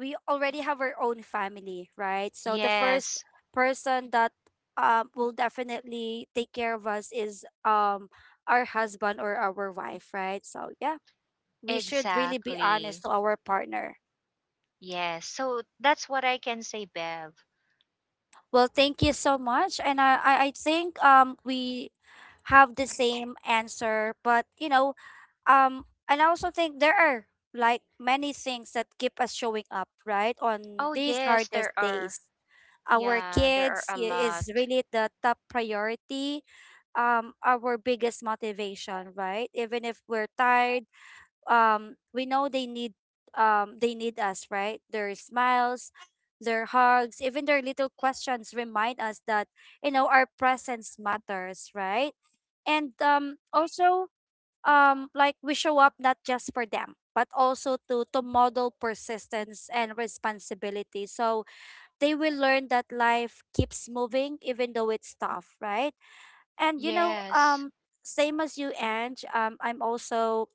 we already have our own family, right? So the first
Yes,
person that, will definitely take care of us is, our husband or our wife, right? So yeah, we should really be honest
exactly.
to our partner.
Yes. So that's what I can say, Bev.
Well, thank you so much, and I think we have the same answer, but um and I also think there are like many things that keep us showing up, right, on
Oh,
these
yes,
hardest
there
days.
are.
Our
Yeah, there are
kids
a lot.
is really the top priority, our biggest motivation, right? Even if we're tired, we know they need, they need us, right? Their smiles, their hugs, even their little questions remind us that, you know, our presence matters, right? And also, like, we show up not just for them but also to model persistence and responsibility, so they will learn that life keeps moving even though it's tough, right? and you know
Yes.
Same as you, Ange. I'm also,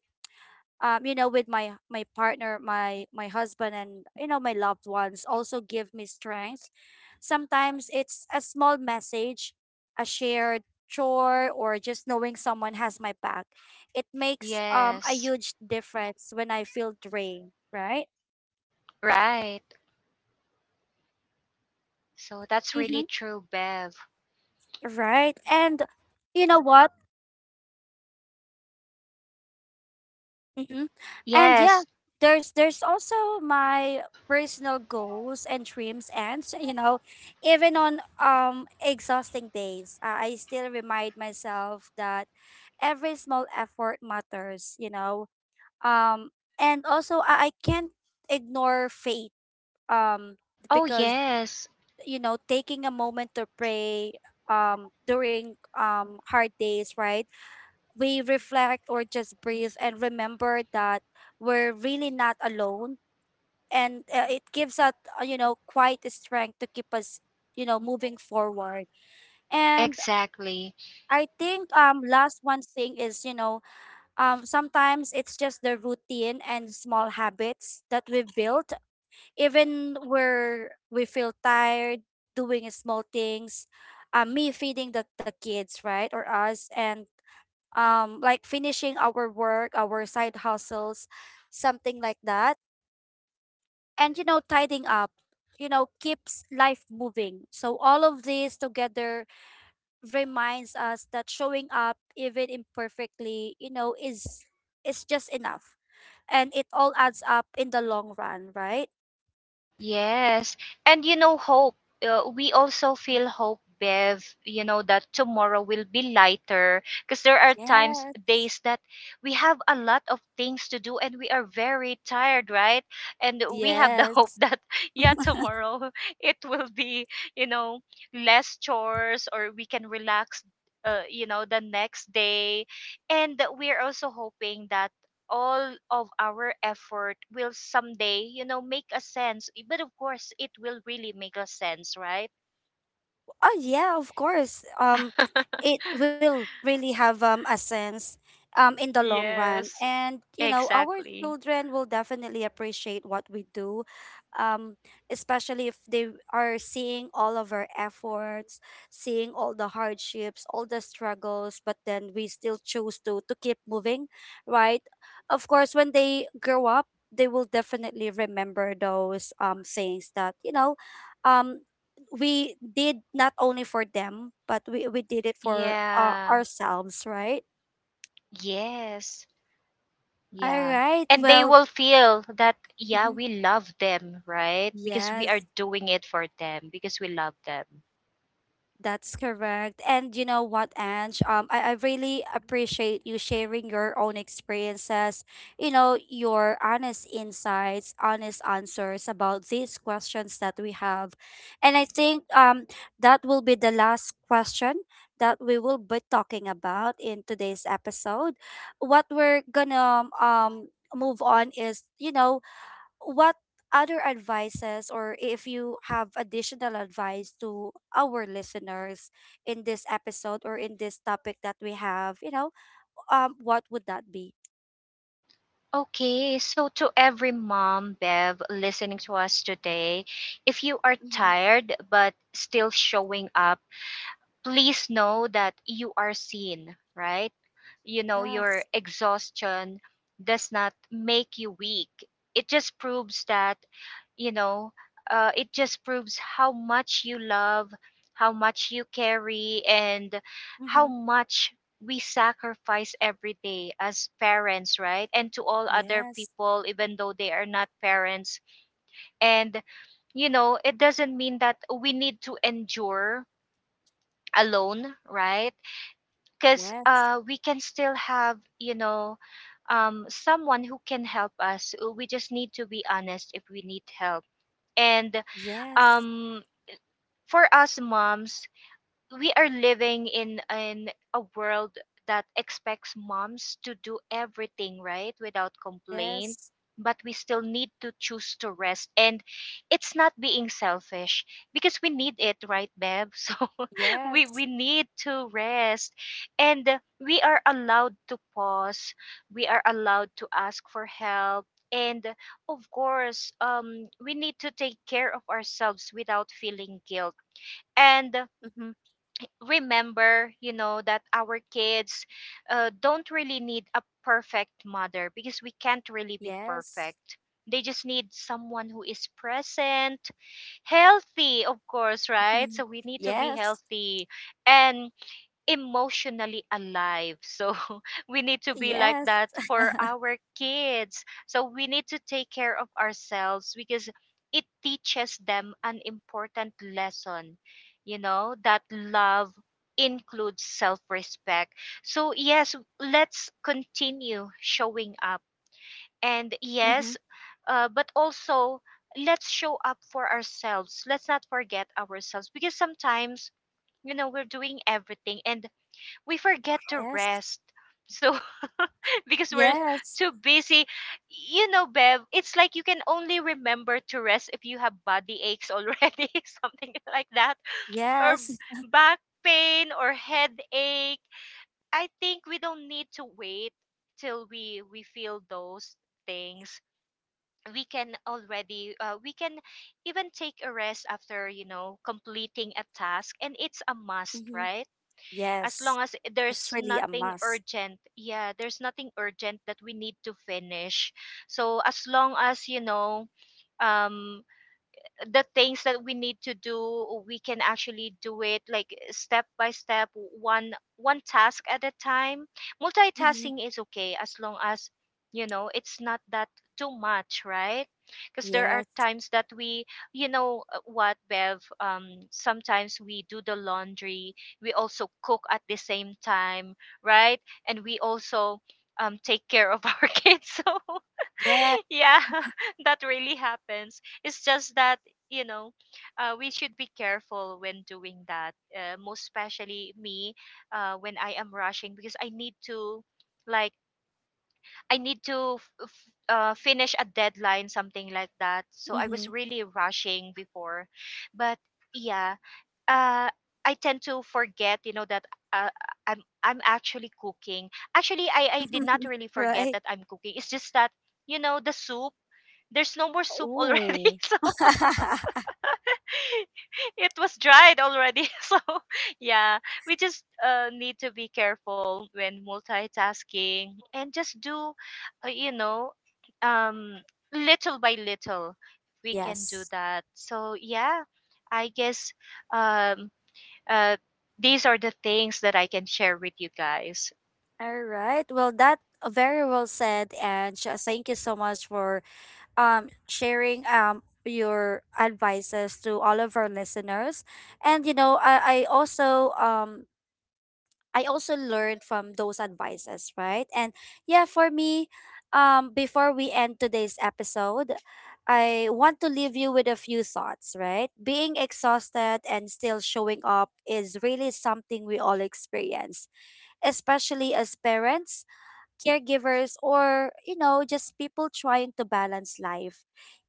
you know, with my partner, my husband, and you know, my loved ones also give me strength. Sometimes it's a small message, a shared chore, or just knowing someone has my back. It makes a
Yes.
huge difference when I feel drained, right?
Right. So that's really
Mm-hmm.
true, Bev.
Right. And you know what? Mm-hmm. And yeah,
Yes.
there's also my personal goals and dreams and [LAUGHS] so, you know, even on exhausting days, I still remind myself that every small effort matters, you know. Um and also I can't ignore faith um
Oh,
because
yes.
you know, taking a moment to pray during hard days, right? We reflect or just breathe and remember that we're really not alone, and it gives us, you know, quite a strength to keep us, you know, moving forward. And
Exactly.
I think last one thing is, you know, sometimes it's just the routine and small habits that we've built. Even where we feel tired, doing small things, me feeding the, kids, right, or us, and like finishing our work, our side hustles, something like that, and you know, tidying up, you know, keeps life moving. So all of this together reminds us that showing up, even imperfectly, you know, is just enough, and it all adds up in the long run, right?
Yes. And you know, hope, we also feel hope, Bev, you know, that tomorrow will be lighter, because there are times,
Yes.
days that we have a lot of things to do and we are very tired, right? And we have the [LAUGHS] hope
Yes.
that, yeah, tomorrow [LAUGHS] it will be, you know, less chores, or we can relax. You know, the next day. And we're also hoping that all of our effort will someday, you know, make a sense. Eh, but of course, it will really make a sense, right?
Oh yeah, of course.
[LAUGHS]
It will really have a sense in the long run,
Yes,
and you know, our
exactly.
children will definitely appreciate what we do, um, especially if they are seeing all of our efforts, seeing all the hardships, all the struggles, but then we still choose to keep moving, right? Of course, when they grow up, they will definitely remember those things that. Um, we did not only for them, but we did it for,
Yeah.
ourselves, right?
Yes.
All
Yeah.
right.
And they
Well,
will feel that, yeah,
mhm,
we love them, right? Because we are
yes.
doing it for them, because we love them.
That's correct. And you know what, Ange? I really appreciate you sharing your own experiences, you know, your honest insights, honest answers about these questions that we have. And I think that will be the last question that we will be talking about in today's episode. What we're gonna move on is, you know, what other advices or if you have additional advice to our listeners in this episode or in this topic that we have, you know, what would that be?
Okay, so to every mom, Bev, listening to us today, if you are
Mm-hmm.
tired but still showing up, please know that you are seen, right? You know, your
Yes.
exhaustion does not make you weak. It just proves you know, it just proves how much you love, how much you carry, and how
Mm-hmm.
much we sacrifice every day as parents, right? And to all other
Yes.
people, even though they are not parents. And, you know, it doesn't mean that we need to endure alone, right? because
Yes.
uh, we can still have someone who can help us. We just need to be honest if we need help. And
Yes.
um, for us moms, we are living in a world that expects moms to do everything right without complaint,
Yes.
but we still need to choose to rest, and it's not being selfish because we need it, right, babe? [LAUGHS] So we
Yes.
need to rest, and we are allowed to pause, we are allowed to ask for help, and of course, we need to take care of ourselves without feeling guilt. And
Mm-hmm.
remember, you know, that our kids don't really need a perfect mother because we can't really be
Yes.
perfect. They just need someone who is present, healthy, of course, right?
Mm-hmm.
So we need to be
Yes.
healthy and emotionally alive. So [LAUGHS] we need to be like
Yes.
that for our kids. So we need to take care of ourselves because it teaches them an important lesson, you know, that love includes self respect. So, yes, let's continue showing up. And yes,
Mm-hmm.
but also let's show up for ourselves. Let's not forget ourselves because sometimes, you know, we're doing everything and we forget to
Yes.
rest. So [LAUGHS] because we're
Yes.
too busy, you know, Bev, it's like you can only remember to rest if you have body aches already, [LAUGHS] something like that, or
Yes.
back pain or headache. I think we don't need to wait till we feel those things. We can already, we can even take a rest after, you know, completing a task, and it's a
[LAUGHS]
must,
Mm-hmm.
right? As
Yes.
long as
It's
there's
really a
nothing
must.
urgent, yeah, there's nothing urgent that we need to finish. So as long as, you know, um the things that we need to do, we can actually do it like step by step, one task at a time.
Mm-hmm.
Multitasking is okay as long as, you know, it's not that too much, right? Because there are
Yes.
times that we, you know, what, Bev, sometimes we do the laundry, we also cook at the same time, right? And we also take care of [LAUGHS] our kids, so
Yes.
[LAUGHS] yeah, [LAUGHS] that really happens. It's just that, you know, we should be careful when doing that. Most especially me, when I am rushing because I need to, like, I need to finish a deadline, something like that. So I
Mm-hmm.
was really rushing before, but yeah, uh, I tend to forget, you know, that uh, I'm actually cooking. Actually, I did not
[LAUGHS]
really forget
Right.
that I'm cooking. It's just that you know the soup. There's no more soup already,
Ooh.
[LAUGHS] so
[LAUGHS]
[LAUGHS] it was dried already. [LAUGHS] So, yeah, we just need to be careful when multitasking and just do, you know, um, little by little, we can do
Yes.
that. So, yeah, I guess um, uh, these are the things that I can share with you guys.
All right. Well, that, very well said, and thank you so much for sharing your advices to all of our listeners. And you know, I also learned from those advices, right? And yeah, for me, before we end today's episode, I want to leave you with a few thoughts, right? Being exhausted and still showing up is really something we all experience, especially as parents, caregivers, or, you know, just people trying to balance life.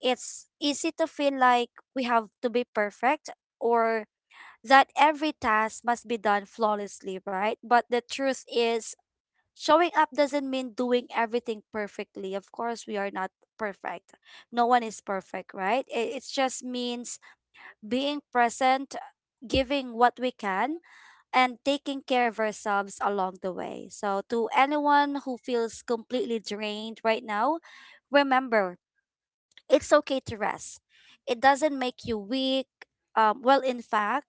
It's easy to feel like we have to be perfect or that every task must be done flawlessly, right? But the truth is, showing up doesn't mean doing everything perfectly. Of course, we are not perfect. No one is perfect, right? It just means being present, giving what we can, and taking care of ourselves along the way. So, to anyone who feels completely drained right now, remember, it's okay to rest. It doesn't make you weak. Well, in fact,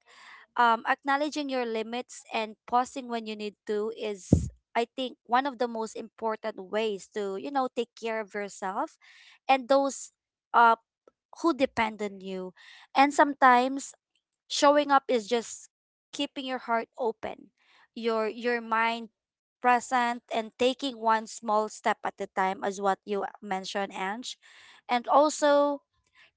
acknowledging your limits and pausing when you need to is, I think, one of the most important ways to, you know, take care of yourself and those, uh, who depend on you. And sometimes showing up is just keeping your heart open, your mind present, and taking one small step at a time, as what you mentioned, Ange. And also,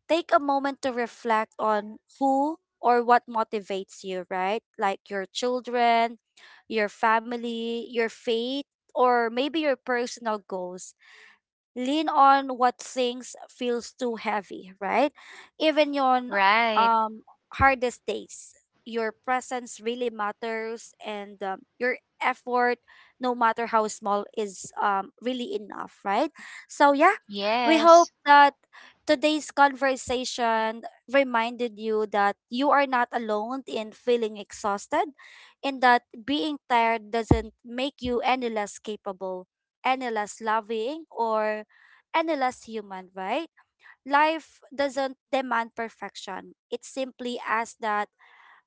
take a moment to reflect on who or what motivates you, right? Like your children, your family, your faith, or maybe your personal goals. Lean on what things feels too heavy, right? Even on
Right.
um hardest days, your presence really matters, and your effort, no matter how small, is really enough, right? So yeah, we
Yes.
hope that today's conversation reminded you that you are not alone in feeling exhausted, and that being tired doesn't make you any less capable, any less loving, or endless human, right? Life doesn't demand perfection. It simply asks that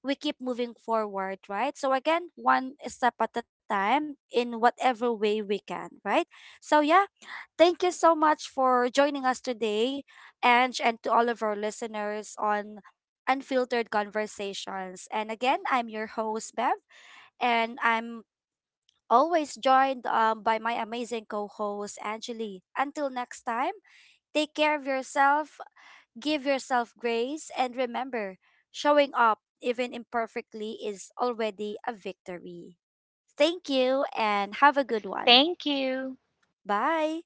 we keep moving forward, right? So again, one step at a time, in whatever way we can, right? So yeah, thank you so much for joining us today, Ange, and to all of our listeners on Unfiltered Conversations. And again, I'm your host, Bev, and I'm always joined, by my amazing co-host, Angeli. Until next time, take care of yourself, give yourself grace, and remember, showing up, even imperfectly, is already a victory. Thank you and have a good one.
Thank you.
Bye.